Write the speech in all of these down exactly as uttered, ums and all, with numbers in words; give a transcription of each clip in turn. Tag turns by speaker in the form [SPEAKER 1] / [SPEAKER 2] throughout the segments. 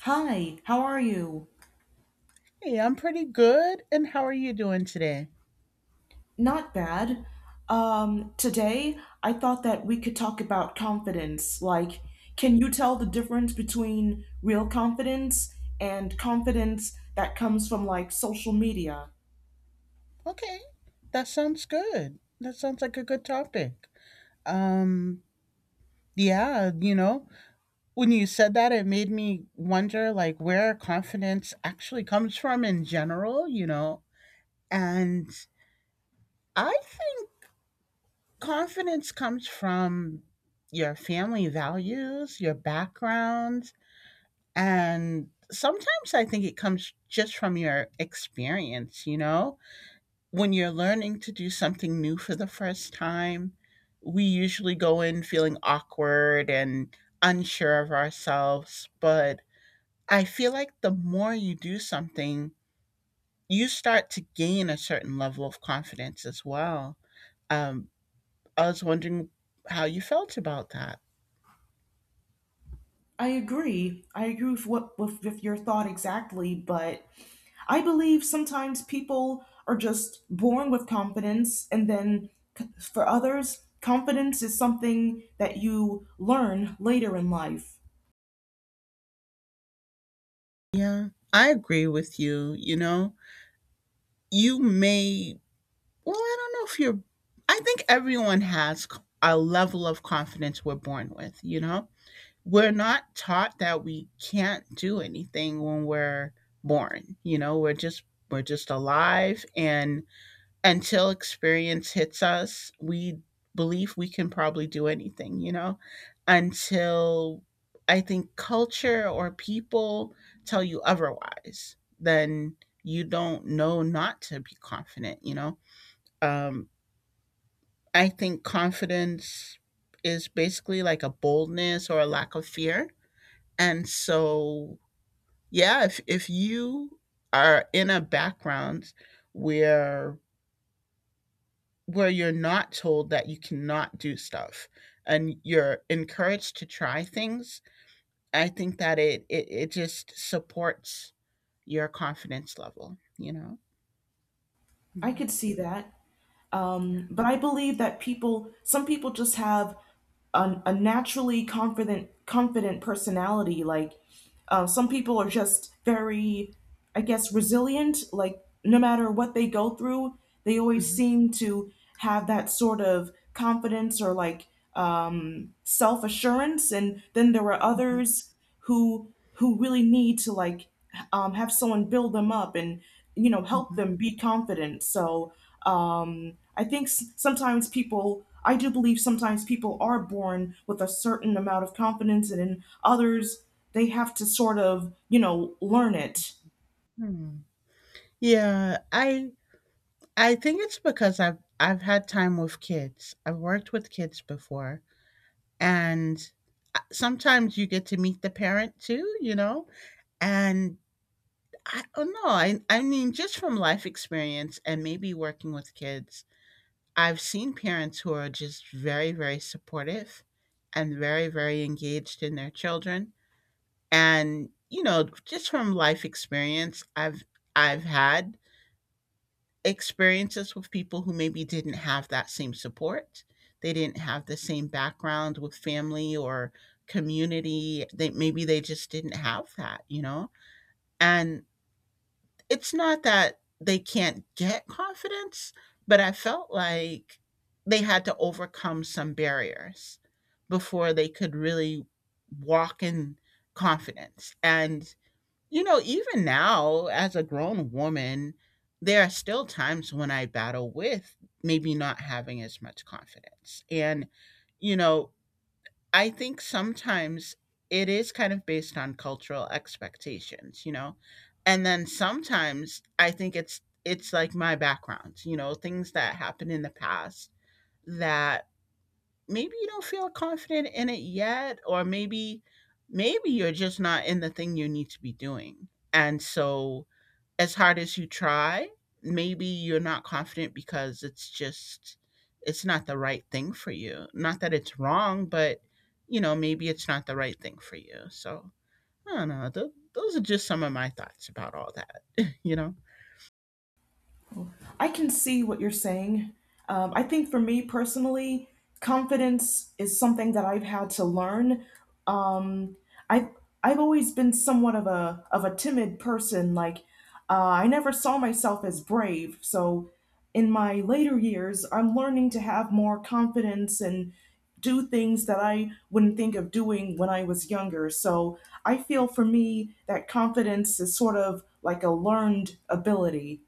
[SPEAKER 1] Hi, how are you?
[SPEAKER 2] Hey, I'm pretty good. And how are you doing today?
[SPEAKER 1] Not bad. Um, today I thought that we could talk about confidence. Like, can you tell the difference between real confidence and confidence that comes from like social media?
[SPEAKER 2] Okay, that sounds good. That sounds like a good topic. Um, yeah, you know, when you said that, it made me wonder like where confidence actually comes from in general, you know. And I think confidence comes from your family values, your background, and sometimes I think it comes just from your experience, you know, when you're learning to do something new for the first time, we usually go in feeling awkward and unsure of ourselves. But I feel like the more you do something, you start to gain a certain level of confidence as well. Um, I was wondering how you felt about that.
[SPEAKER 1] I agree. I agree with what with, with your thought exactly, but I believe sometimes people are just born with confidence, and then c- for others, confidence is something that you learn later in life.
[SPEAKER 2] Yeah, I agree with you. You know, you may, well, I don't know if you're, I think everyone has c- a level of confidence we're born with, you know? We're not taught that we can't do anything when we're born, you know, we're just we're just alive and until experience hits us, we believe we can probably do anything, you know, until I think culture or people tell you otherwise, then you don't know not to be confident, you know. um I think confidence is basically like a boldness or a lack of fear. And so, yeah, if if you are in a background where where you're not told that you cannot do stuff and you're encouraged to try things, I think that it it, it just supports your confidence level, you know?
[SPEAKER 1] I
[SPEAKER 2] Mhm.
[SPEAKER 1] could see that.
[SPEAKER 2] Yeah.
[SPEAKER 1] Um, but I believe that people, some people just have a, a naturally confident, confident personality. Like uh, some people are just very, I guess, resilient. Like no matter what they go through, they always
[SPEAKER 2] Mhm,
[SPEAKER 1] seem to have that sort of confidence or like um, self assurance. And then there are
[SPEAKER 2] mhm,
[SPEAKER 1] others who who really need to like um, have someone build them up and you know help
[SPEAKER 2] mhm.
[SPEAKER 1] them be confident. So um, i think s- sometimes people i do believe sometimes people are born with a certain amount of confidence, and in others they have to sort of you know learn it.
[SPEAKER 2] Hmm. Yeah, I I think it's because I've I've had time with kids. I've worked with kids before. And uh, sometimes you get to meet the parent too, you know? And I don't know. I, I mean, just from life experience and maybe working with kids, I've seen parents who are just very, very supportive and very, very engaged in their children. And, you know, just from life experience I've I've had experiences with people who maybe didn't have that same support. They didn't have the same background with family or community. They maybe they just didn't have that, you know? And it's not that they can't get confidence, but I felt like they had to overcome some barriers before they could really walk in confidence. And you know, even now, as a grown woman, there are still times when I battle with maybe not having as much confidence. And, you know, I think sometimes it is kind of based on cultural expectations, you know? And then sometimes I think it's it's like my background, you know, things that happened in the past that maybe you don't feel confident in it yet, or maybe maybe you're just not in the thing you need to be doing. And so, as hard as you try, maybe you're not confident because it's just it's not the right thing for you, not that it's wrong, but you know, maybe it's not the right thing for you. So I don't know. Th- those are just some of my thoughts about all that. you know
[SPEAKER 1] I can see what you're saying. Um, I think for me personally, confidence is something that I've had to learn. Um, I I've always been somewhat of a of a timid person. Like uh, I never saw myself as brave. So in my later years, I'm learning to have more confidence and do things that I wouldn't think of doing when I was younger. So I feel for me that confidence is sort of like a learned ability.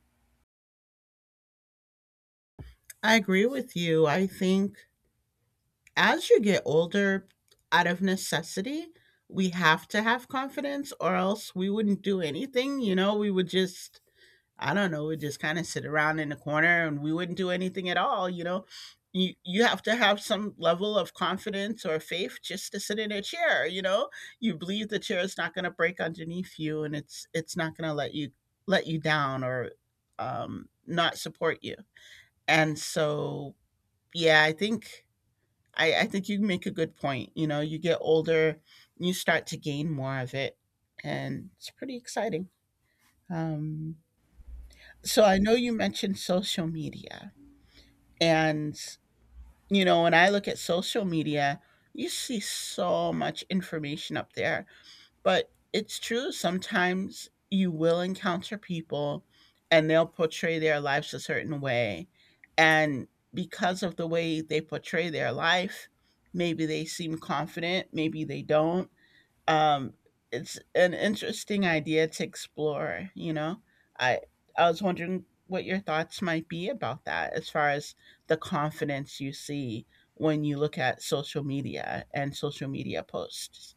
[SPEAKER 2] I agree with you. I think as you get older, out of necessity, we have to have confidence, or else we wouldn't do anything. You know, we would just, I don't know, we'd just kind of sit around in the corner and we wouldn't do anything at all. You know, you, you have to have some level of confidence or faith just to sit in a chair. You know, you believe the chair is not going to break underneath you, and it's, it's not going to let you, let you down, or um, not support you. And so, yeah, I think I, I think you make a good point. You know, you get older, you start to gain more of it, and it's pretty exciting. Um, so I know you mentioned social media, and you know, when I look at social media, you see so much information up there. But it's true. Sometimes you will encounter people and they'll portray their lives a certain way. And because of the way they portray their life, maybe they seem confident, maybe they don't. Um, it's an interesting idea to explore, you know? I I was wondering what your thoughts might be about that as far as the confidence you see when you look at social media and social media posts.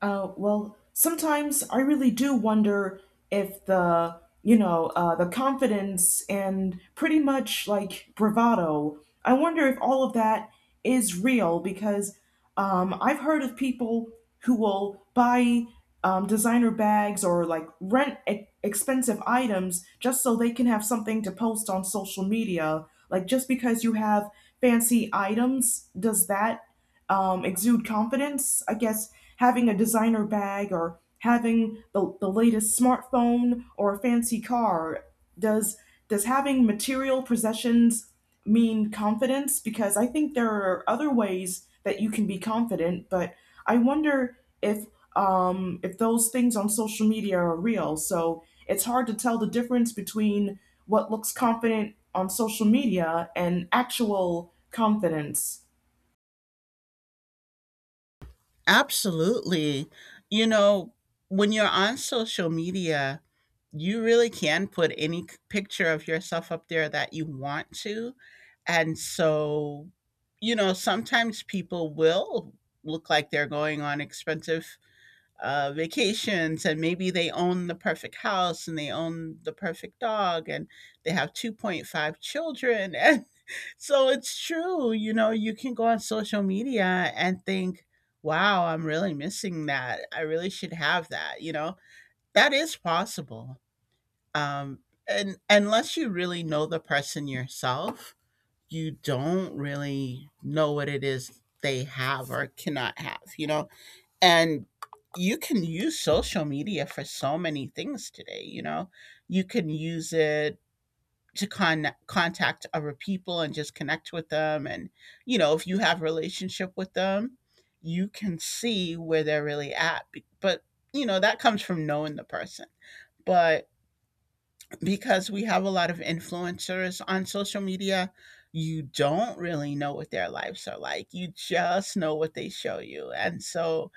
[SPEAKER 1] Uh, well, sometimes I really do wonder if the, you know, uh, the confidence and pretty much like bravado, I wonder if all of that is real because um, I've heard of people who will buy um, designer bags or like rent e- expensive items just so they can have something to post on social media. Like just because you have fancy items, does that um, exude confidence? I guess having a designer bag or having the, the latest smartphone or a fancy car, does does having material possessions mean confidence? Because I think there are other ways that you can be confident, but I wonder if um, if those things on social media are real. So it's hard to tell the difference between what looks confident on social media and actual confidence.
[SPEAKER 2] Absolutely. You know, when you're on social media, you really can put any c- picture of yourself up there that you want to. And so, you know, sometimes people will look like they're going on expensive uh, vacations, and maybe they own the perfect house and they own the perfect dog and they have two point five children. So it's true, you know, you can go on social media and think, wow, I'm really missing that. I really should have that, you know? That is possible. Um and unless you really know the person yourself, you don't really know what it is they have or cannot have, you know? And you can use social media for so many things today, you know? You can use it to con- contact other people and just connect with them, and you know, if you have a relationship with them, you can see where they're really at. But you know, that comes from knowing the person. But because we have a lot of influencers on social media, you don't really know what their lives are like. You just know what they show you. And so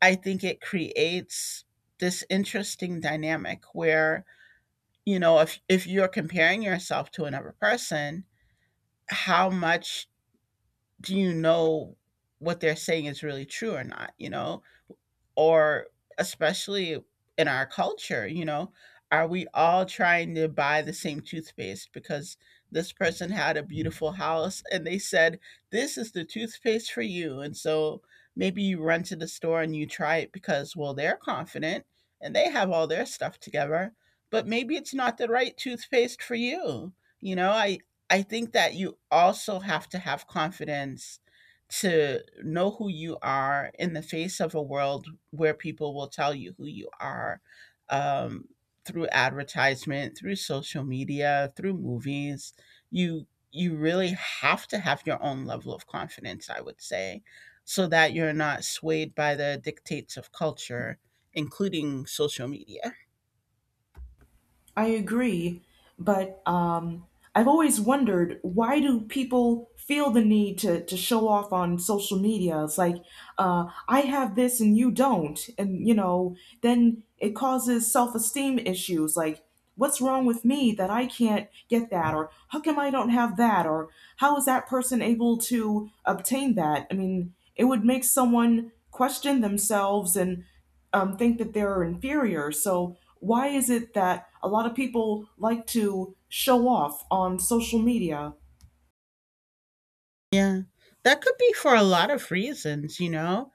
[SPEAKER 2] I think it creates this interesting dynamic where, you know, if if you're comparing yourself to another person, how much do you know what they're saying is really true or not, you know? Or especially in our culture, you know, are we all trying to buy the same toothpaste because this person had a beautiful house and they said, this is the toothpaste for you. And so maybe you run to the store and you try it because, well, they're confident and they have all their stuff together, but maybe it's not the right toothpaste for you. You know, I, I think that you also have to have confidence to know who you are in the face of a world where people will tell you who you are, um, through advertisement, through social media, through movies. You you really have to have your own level of confidence, I would say, so that you're not swayed by the dictates of culture, including social media.
[SPEAKER 1] I agree, but um, I've always wondered, why do people feel the need to, to show off on social media? It's like, uh, I have this and you don't. And, you know, then it causes self esteem issues. Like, what's wrong with me that I can't get that? Or how come I don't have that? Or how is that person able to obtain that? I mean, it would make someone question themselves and um, think that they're inferior. So, why is it that a lot of people like to show off on social media?
[SPEAKER 2] Yeah. That could be for a lot of reasons, you know?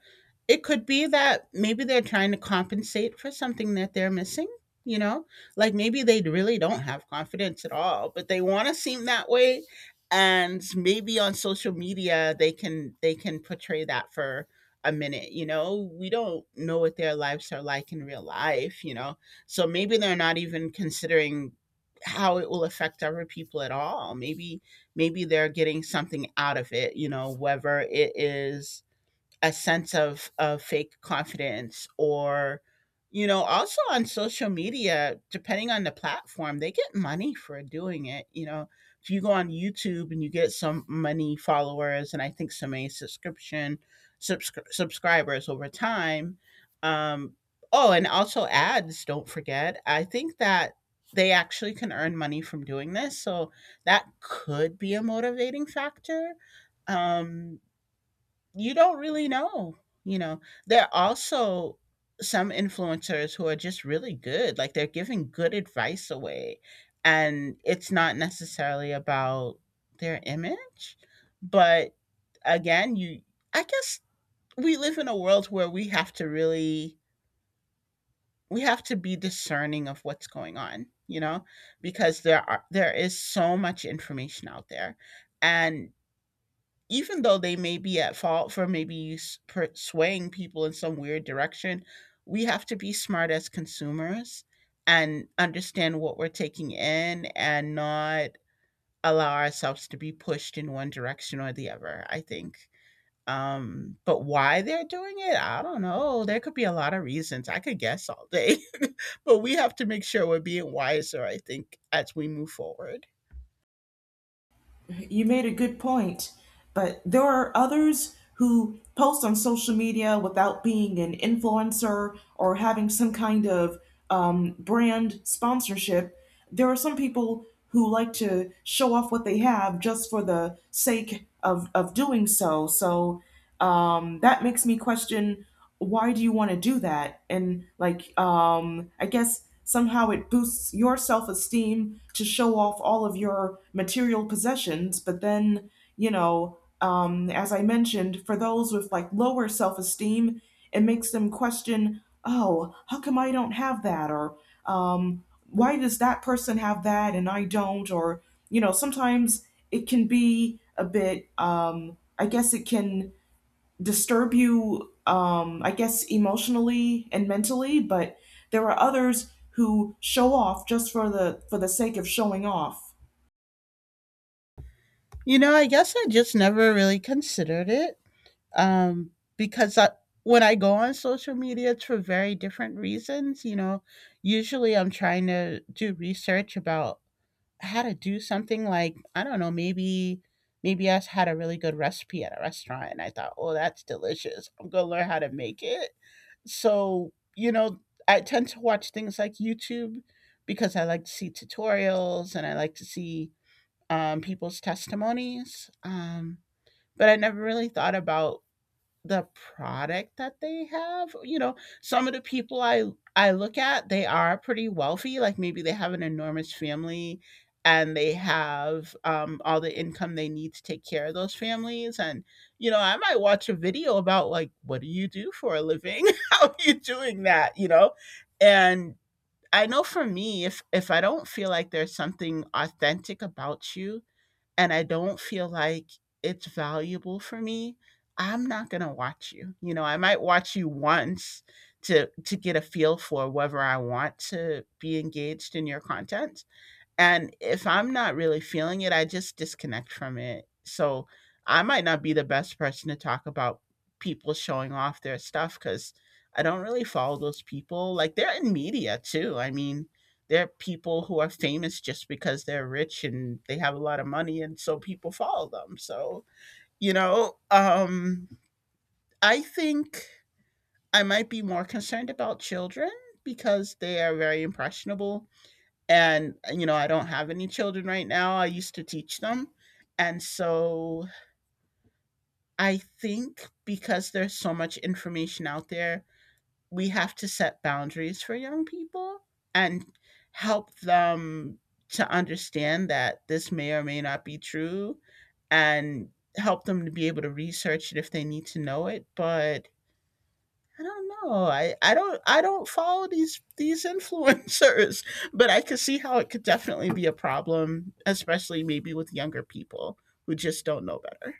[SPEAKER 2] It could be that maybe they're trying to compensate for something that they're missing, you know? Like maybe they really don't have confidence at all, but they want to seem that way, and maybe on social media they can they can portray that for a minute, you know? We don't know what their lives are like in real life, you know? So maybe they're not even considering how it will affect other people at all. Maybe maybe they're getting something out of it, you know, whether it is a sense of of fake confidence, or you know, also on social media, depending on the platform, they get money for doing it, you know. If you go on YouTube and you get some money, followers, and I think some a subscription, subscri- subscribers over time. um oh, and also ads, don't forget, I think that they actually can earn money from doing this. So that could be a motivating factor. um you don't really know, you know. There are also some influencers who are just really good, like they're giving good advice away, and it's not necessarily about their image. But again, you I guess we live in a world where we have to really, we have to be discerning of what's going on, you know, because there are there is so much information out there. And even though they may be at fault for maybe swaying people in some weird direction, we have to be smart as consumers and understand what we're taking in and not allow ourselves to be pushed in one direction or the other, I think. Um, but why they're doing it, I don't know. There could be a lot of reasons. I could guess all day, but we have to make sure we're being wiser, I think, as we move forward.
[SPEAKER 1] You made a good point, but there are others who post on social media without being an influencer or having some kind of um, brand sponsorship. There are some people who like to show off what they have just for the sake of, of doing so. So, um, that makes me question, why do you want to do that? And like um I guess somehow it boosts your self-esteem to show off all of your material possessions, but then you know um as I mentioned, for those with like lower self-esteem, it makes them question, oh, how come I don't have that? Or um why does that person have that and I don't? Or you know, sometimes it can be a bit um I guess it can disturb you, um, I guess, emotionally and mentally, but there are others who show off just for the for the sake of showing off.
[SPEAKER 2] You know, I guess I just never really considered it, um, because I, when I go on social media, it's for very different reasons. You know, usually I'm trying to do research about how to do something, like, I don't know, maybe maybe I had a really good recipe at a restaurant and I thought, oh, that's delicious. I'm going to learn how to make it. So, you know, I tend to watch things like YouTube because I like to see tutorials and I like to see, um, people's testimonies. Um, but I never really thought about the product that they have. You know, some of the people I I look at, they are pretty wealthy. Like maybe they have an enormous family and they have um, all the income they need to take care of those families. And you know, I might watch a video about like, what do you do for a living? How are you doing that? You know, and I know for me, if if I don't feel like there's something authentic about you, and I don't feel like it's valuable for me, I'm not gonna watch you. You know, I might watch you once to to get a feel for whether I want to be engaged in your content, and if I'm not really feeling it, I just disconnect from it. So I might not be the best person to talk about people showing off their stuff because I don't really follow those people. Like they're in media too. I mean, they're people who are famous just because they're rich and they have a lot of money, and so people follow them. So, you know, um, I think I might be more concerned about children because they are very impressionable and, you know, I don't have any children right now. I used to teach them. And so I think because there's so much information out there, we have to set boundaries for young people and help them to understand that this may or may not be true, and help them to be able to research it if they need to know it. But I don't know. I, I don't I don't follow these these influencers, but I could see how it could definitely be a problem, especially maybe with younger people who just don't know better.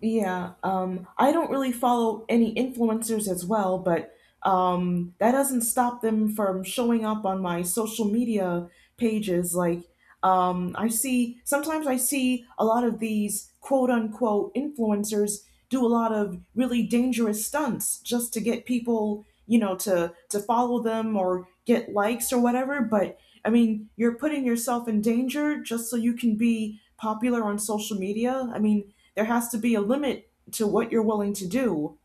[SPEAKER 1] Yeah, um, I don't really follow any influencers as well, but um, that doesn't stop them from showing up on my social media pages. Like, um, I see, sometimes I see a lot of these quote unquote influencers do a lot of really dangerous stunts just to get people, you know, to to follow them or get likes or whatever. But I mean, you're putting yourself in danger just so you can be popular on social media. I mean there has to be a limit to what you're willing to do.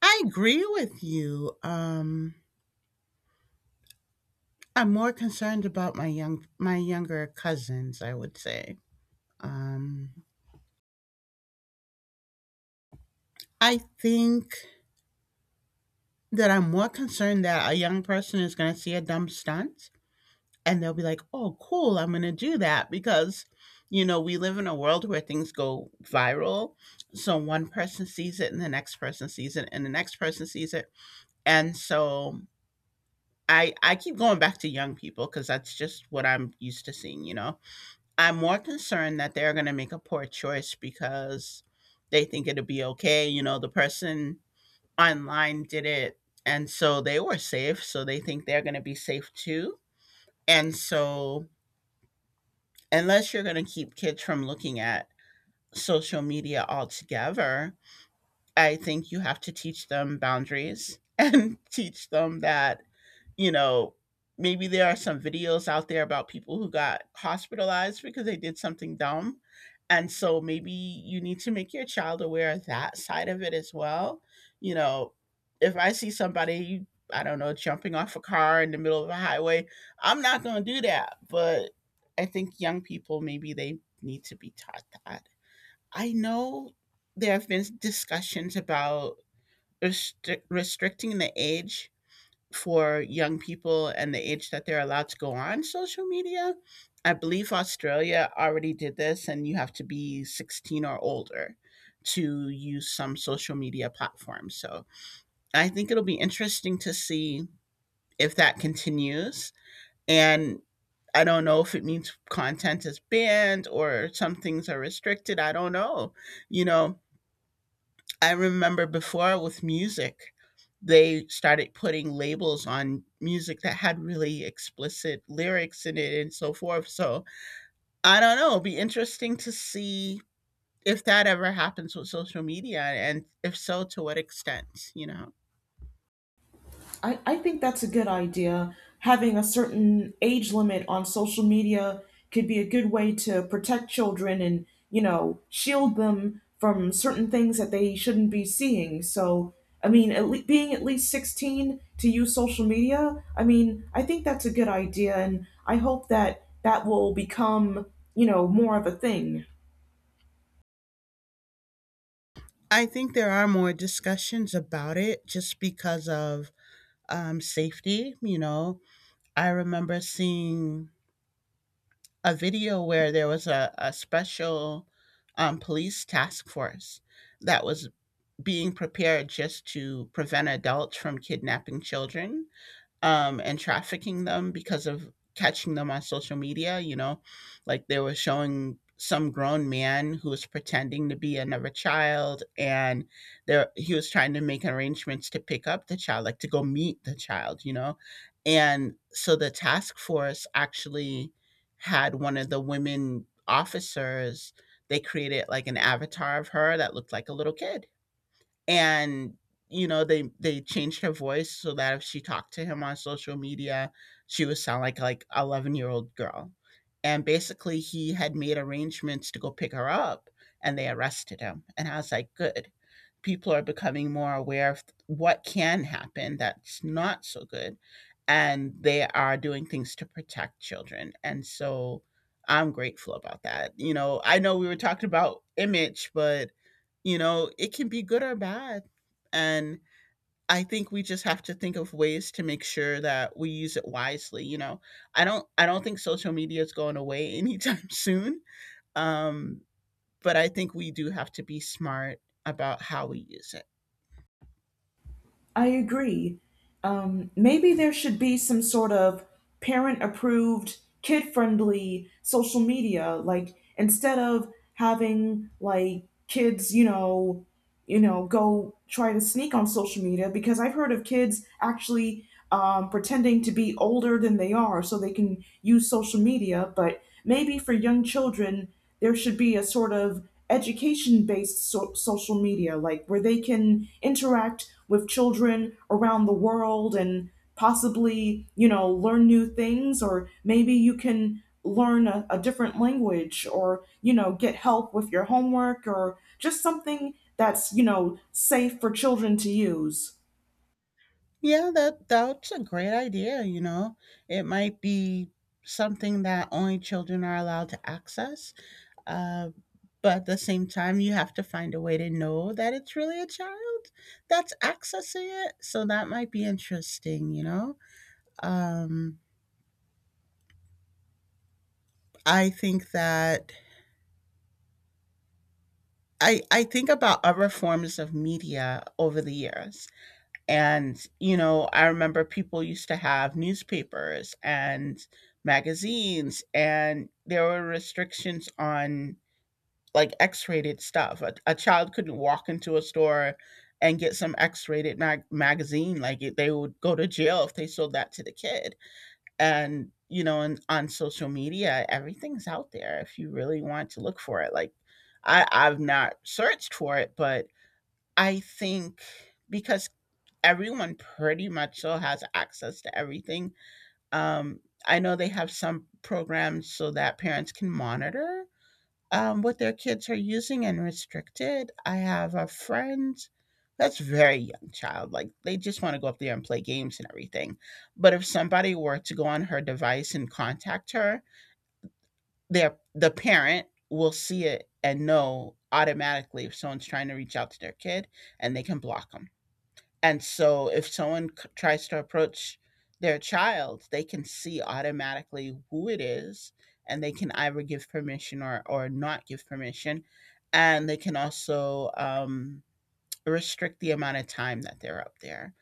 [SPEAKER 2] I agree with you. Um, I'm more concerned about my young my younger cousins, I would say. Um, I think that I'm more concerned that a young person is going to see a dumb stunt and they'll be like, "Oh, cool, I'm going to do that, because you know, we live in a world where things go viral." So one person sees it, and the next person sees it, and the next person sees it. And so I I keep going back to young people, cuz that's just what I'm used to seeing, you know. I'm more concerned that they're going to make a poor choice because they think it'll be okay, you know, the person online did it and so they were safe, so they think they're going to be safe too. And so unless you're going to keep kids from looking at social media altogether, I think you have to teach them boundaries and teach them that, you know, maybe there are some videos out there about people who got hospitalized because they did something dumb. And so maybe you need to make your child aware of that side of it as well. You know, if I see somebody, I don't know, jumping off a car in the middle of a highway, I'm not going to do that. But I think young people, maybe they need to be taught that. I know there have been discussions about restrict- restricting the age for young people, and the age that they're allowed to go on social media. I believe Australia already did this, and you have to be sixteen or older to use some social media platforms. So I think it'll be interesting to see if that continues. And I don't know if it means content is banned or some things are restricted. I don't know. You know, I remember before with music, they started putting labels on music that had really explicit lyrics in it and so forth. So I don't know. It'll be interesting to see if that ever happens with social media, and if so, to what extent, you know.
[SPEAKER 1] I, I think that's a good idea. Having a certain age limit on social media could be a good way to protect children and, you know, shield them from certain things that they shouldn't be seeing. So, I mean, at le- being at least sixteen to use social media, I mean, I think that's a good idea. And I hope that that will become, you know, more of a thing.
[SPEAKER 2] I think there are more discussions about it just because of um, safety. You know, I remember seeing a video where there was a, a special um, police task force that was being prepared just to prevent adults from kidnapping children um, and trafficking them because of catching them on social media. You know, like they were showing some grown man who was pretending to be another child, and there he was trying to make arrangements to pick up the child, like to go meet the child. You know, and so the task force actually had one of the women officers. They created like an avatar of her that looked like a little kid, and you know, they they changed her voice so that if she talked to him on social media, she would sound like like eleven year old girl, and basically he had made arrangements to go pick her up, and they arrested him. And I was like, good, people are becoming more aware of what can happen that's not so good, and they are doing things to protect children. And so I'm grateful about that. You know, I know we were talking about image, but you know, it can be good or bad. And I think we just have to think of ways to make sure that we use it wisely, you know. I don't I don't think social media is going away anytime soon. Um, but I think we do have to be smart about how we use it.
[SPEAKER 1] I agree. Um, maybe there should be some sort of parent approved, kid friendly social media. Like instead of having like kids, you know, you know, go try to sneak on social media, because I've heard of kids actually um, pretending to be older than they are so they can use social media. But maybe for young children, there should be a sort of education based so- social media, like where they can interact with children around the world and possibly, you know, learn new things, or maybe you can learn a, a different language or, you know, get help with your homework, or just something that's, you know, safe for children to use.
[SPEAKER 2] Yeah, that that's a great idea, you know. It might be something that only children are allowed to access. Uh, but at the same time, you have to find a way to know that it's really a child that's accessing it. So that might be interesting, you know? Um, I think that. I, I think about other forms of media over the years. And, you know, I remember people used to have newspapers and magazines, and there were restrictions on like X-rated stuff. A, a child couldn't walk into a store and get some X-rated mag- magazine. Like it, they would go to jail if they sold that to the kid. And you know, and on social media, everything's out there if you really want to look for it. Like I, I've not searched for it, but I think because everyone pretty much so has access to everything. Um, I know they have some programs so that parents can monitor um, what their kids are using and restricted. I have a friend that's very young child. Like they just want to go up there and play games and everything. But if somebody were to go on her device and contact her, their the parent will see it and know automatically if someone's trying to reach out to their kid, and they can block them. And so if someone c- tries to approach their child, they can see automatically who it is, and they can either give permission or, or not give permission. And they can also um, restrict the amount of time that they're up there.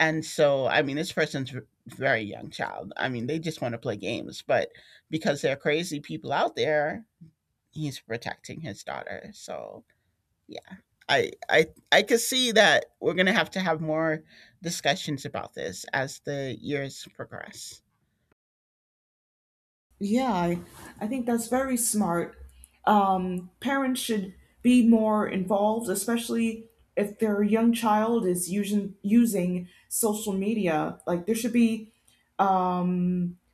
[SPEAKER 2] And so, I mean, this person's v- very young child. I mean, they just want to play games, but because there are crazy people out there, he's protecting his daughter. So, yeah. I I I could see that we're gonna have to have more discussions about this as the years progress.
[SPEAKER 1] Yeah, I, I think that's very smart. Um, parents should be more involved, especially if their young child is using using social media. Like there should be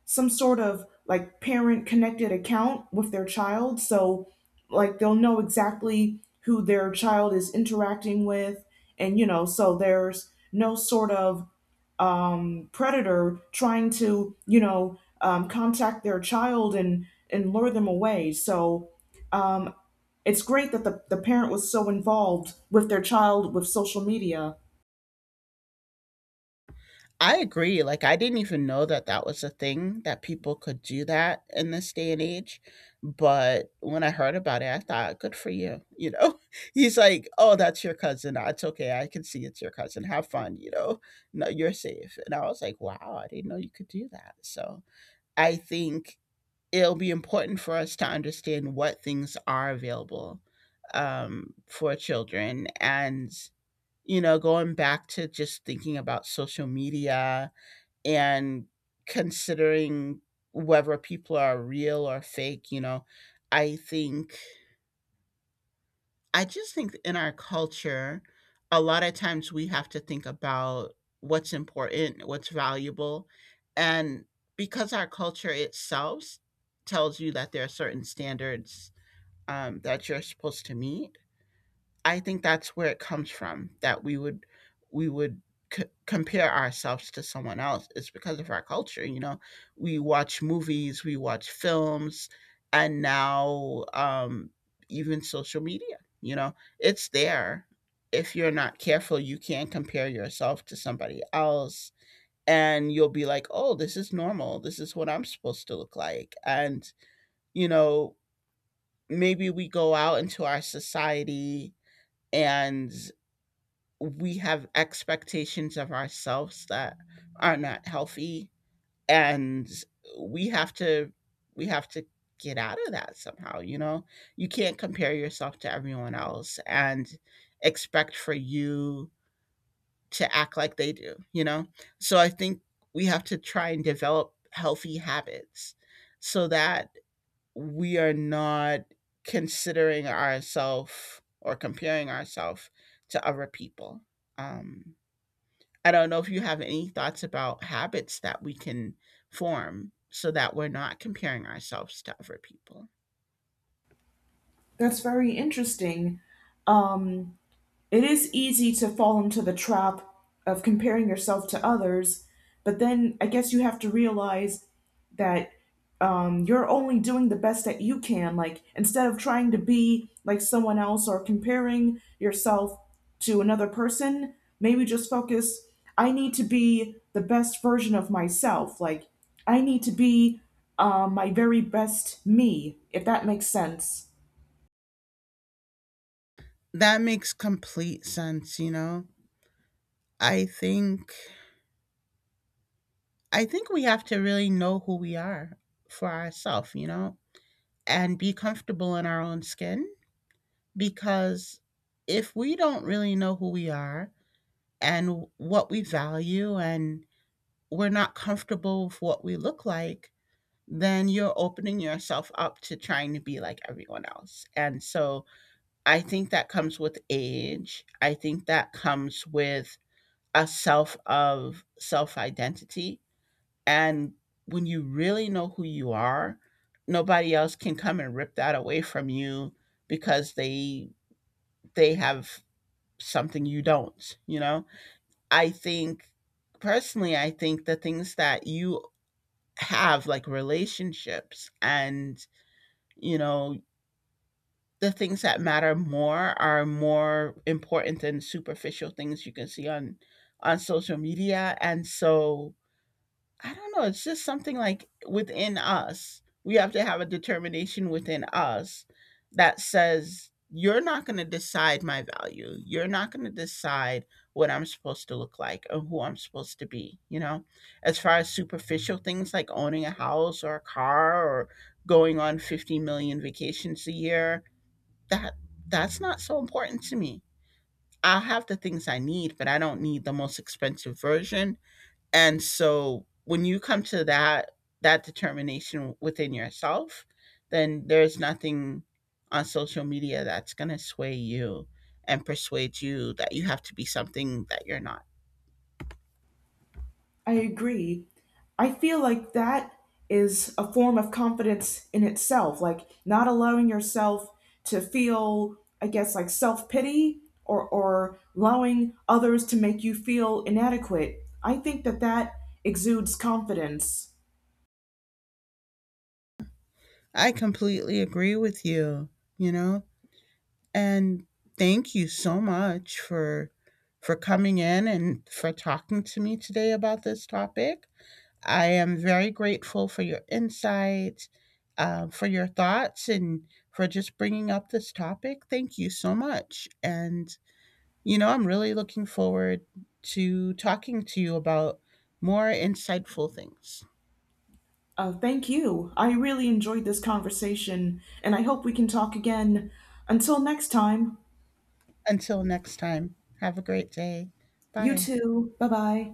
[SPEAKER 1] some sort of like parent connected account with their child, so like they'll know exactly who their child is interacting with, and you know, so there's no sort of predator trying to you know um, contact their child and and lure them away. So um, it's great that the, the parent was so involved with their child with social media.
[SPEAKER 2] I agree. Like I didn't even know that that was a thing, that people could do that in this day and age. But when I heard about it, I thought, good for you. You know, he's like, oh, that's your cousin. Nah, it's okay. I can see it's your cousin. Have fun. You know, no, you're safe. And I was like, wow, I didn't know you could do that. So I think it'll be important for us to understand what things are available um, for children. And, you know, going back to just thinking about social media and considering whether people are real or fake, you know, I think I just think in our culture, a lot of times we have to think about what's important, what's valuable. And because our culture itself tells you that there are certain standards um, that you're supposed to meet, I think that's where it comes from, that we would we would c- compare ourselves to someone else. It's because of our culture, you know. We watch movies, we watch films, and now um, even social media. You know, it's there. If you're not careful, you can compare yourself to somebody else, and you'll be like, "Oh, this is normal. This is what I'm supposed to look like." And you know, maybe we go out into our society and we have expectations of ourselves that are not healthy, and we have to we have to get out of that somehow, you know. You can't compare yourself to everyone else and expect for you to act like they do, you know. So I think we have to try and develop healthy habits so that we are not considering ourselves or comparing ourselves to other people. um I don't know if you have any thoughts about habits that we can form so that we're not comparing ourselves to other people.
[SPEAKER 1] That's very interesting. Um, It is easy to fall into the trap of comparing yourself to others, but then I guess you have to realize that um, you're only doing the best that you can. Like, instead of trying to be like someone else or comparing yourself to another person, maybe just focus. I need to be the best version of myself. Like, I need to be um, my very best me, if that makes sense.
[SPEAKER 2] That makes complete sense, you know. I think I think we have to really know who we are for ourselves, you know, and be comfortable in our own skin, because if we don't really know who we are and what we value, and we're not comfortable with what we look like, then you're opening yourself up to trying to be like everyone else. And so I think that comes with age. I think that comes with a self of self identity. And when you really know who you are, nobody else can come and rip that away from you, because they they have something you don't, you know? I think personally I think the things that you have, like relationships and you know, the things that matter more are more important than superficial things you can see on on social media. And so I don't know, it's just something like within us we have to have a determination within us that says, you're not going to decide my value, you're not going to decide what I'm supposed to look like or who I'm supposed to be, you know. As far as superficial things like owning a house or a car or going on fifty million vacations a year, that that's not so important to me. I'll have the things I need, but I don't need the most expensive version. And so when you come to that that determination within yourself, then there's nothing on social media that's going to sway you and persuade you that you have to be something that you're not.
[SPEAKER 1] I agree. I feel like that is a form of confidence in itself, like not allowing yourself to feel, I guess, like self pity or, or allowing others to make you feel inadequate. I think that that exudes confidence.
[SPEAKER 2] I completely agree with you, you know? And thank you so much for for coming in and for talking to me today about this topic. I am very grateful for your insights, uh, for your thoughts, and for just bringing up this topic. Thank you so much. And, you know, I'm really looking forward to talking to you about more insightful things.
[SPEAKER 1] Uh, thank you. I really enjoyed this conversation, and I hope we can talk again. Until next time,
[SPEAKER 2] Until next time, have a great day.
[SPEAKER 1] you
[SPEAKER 2] Bye.
[SPEAKER 1] too. Bye bye.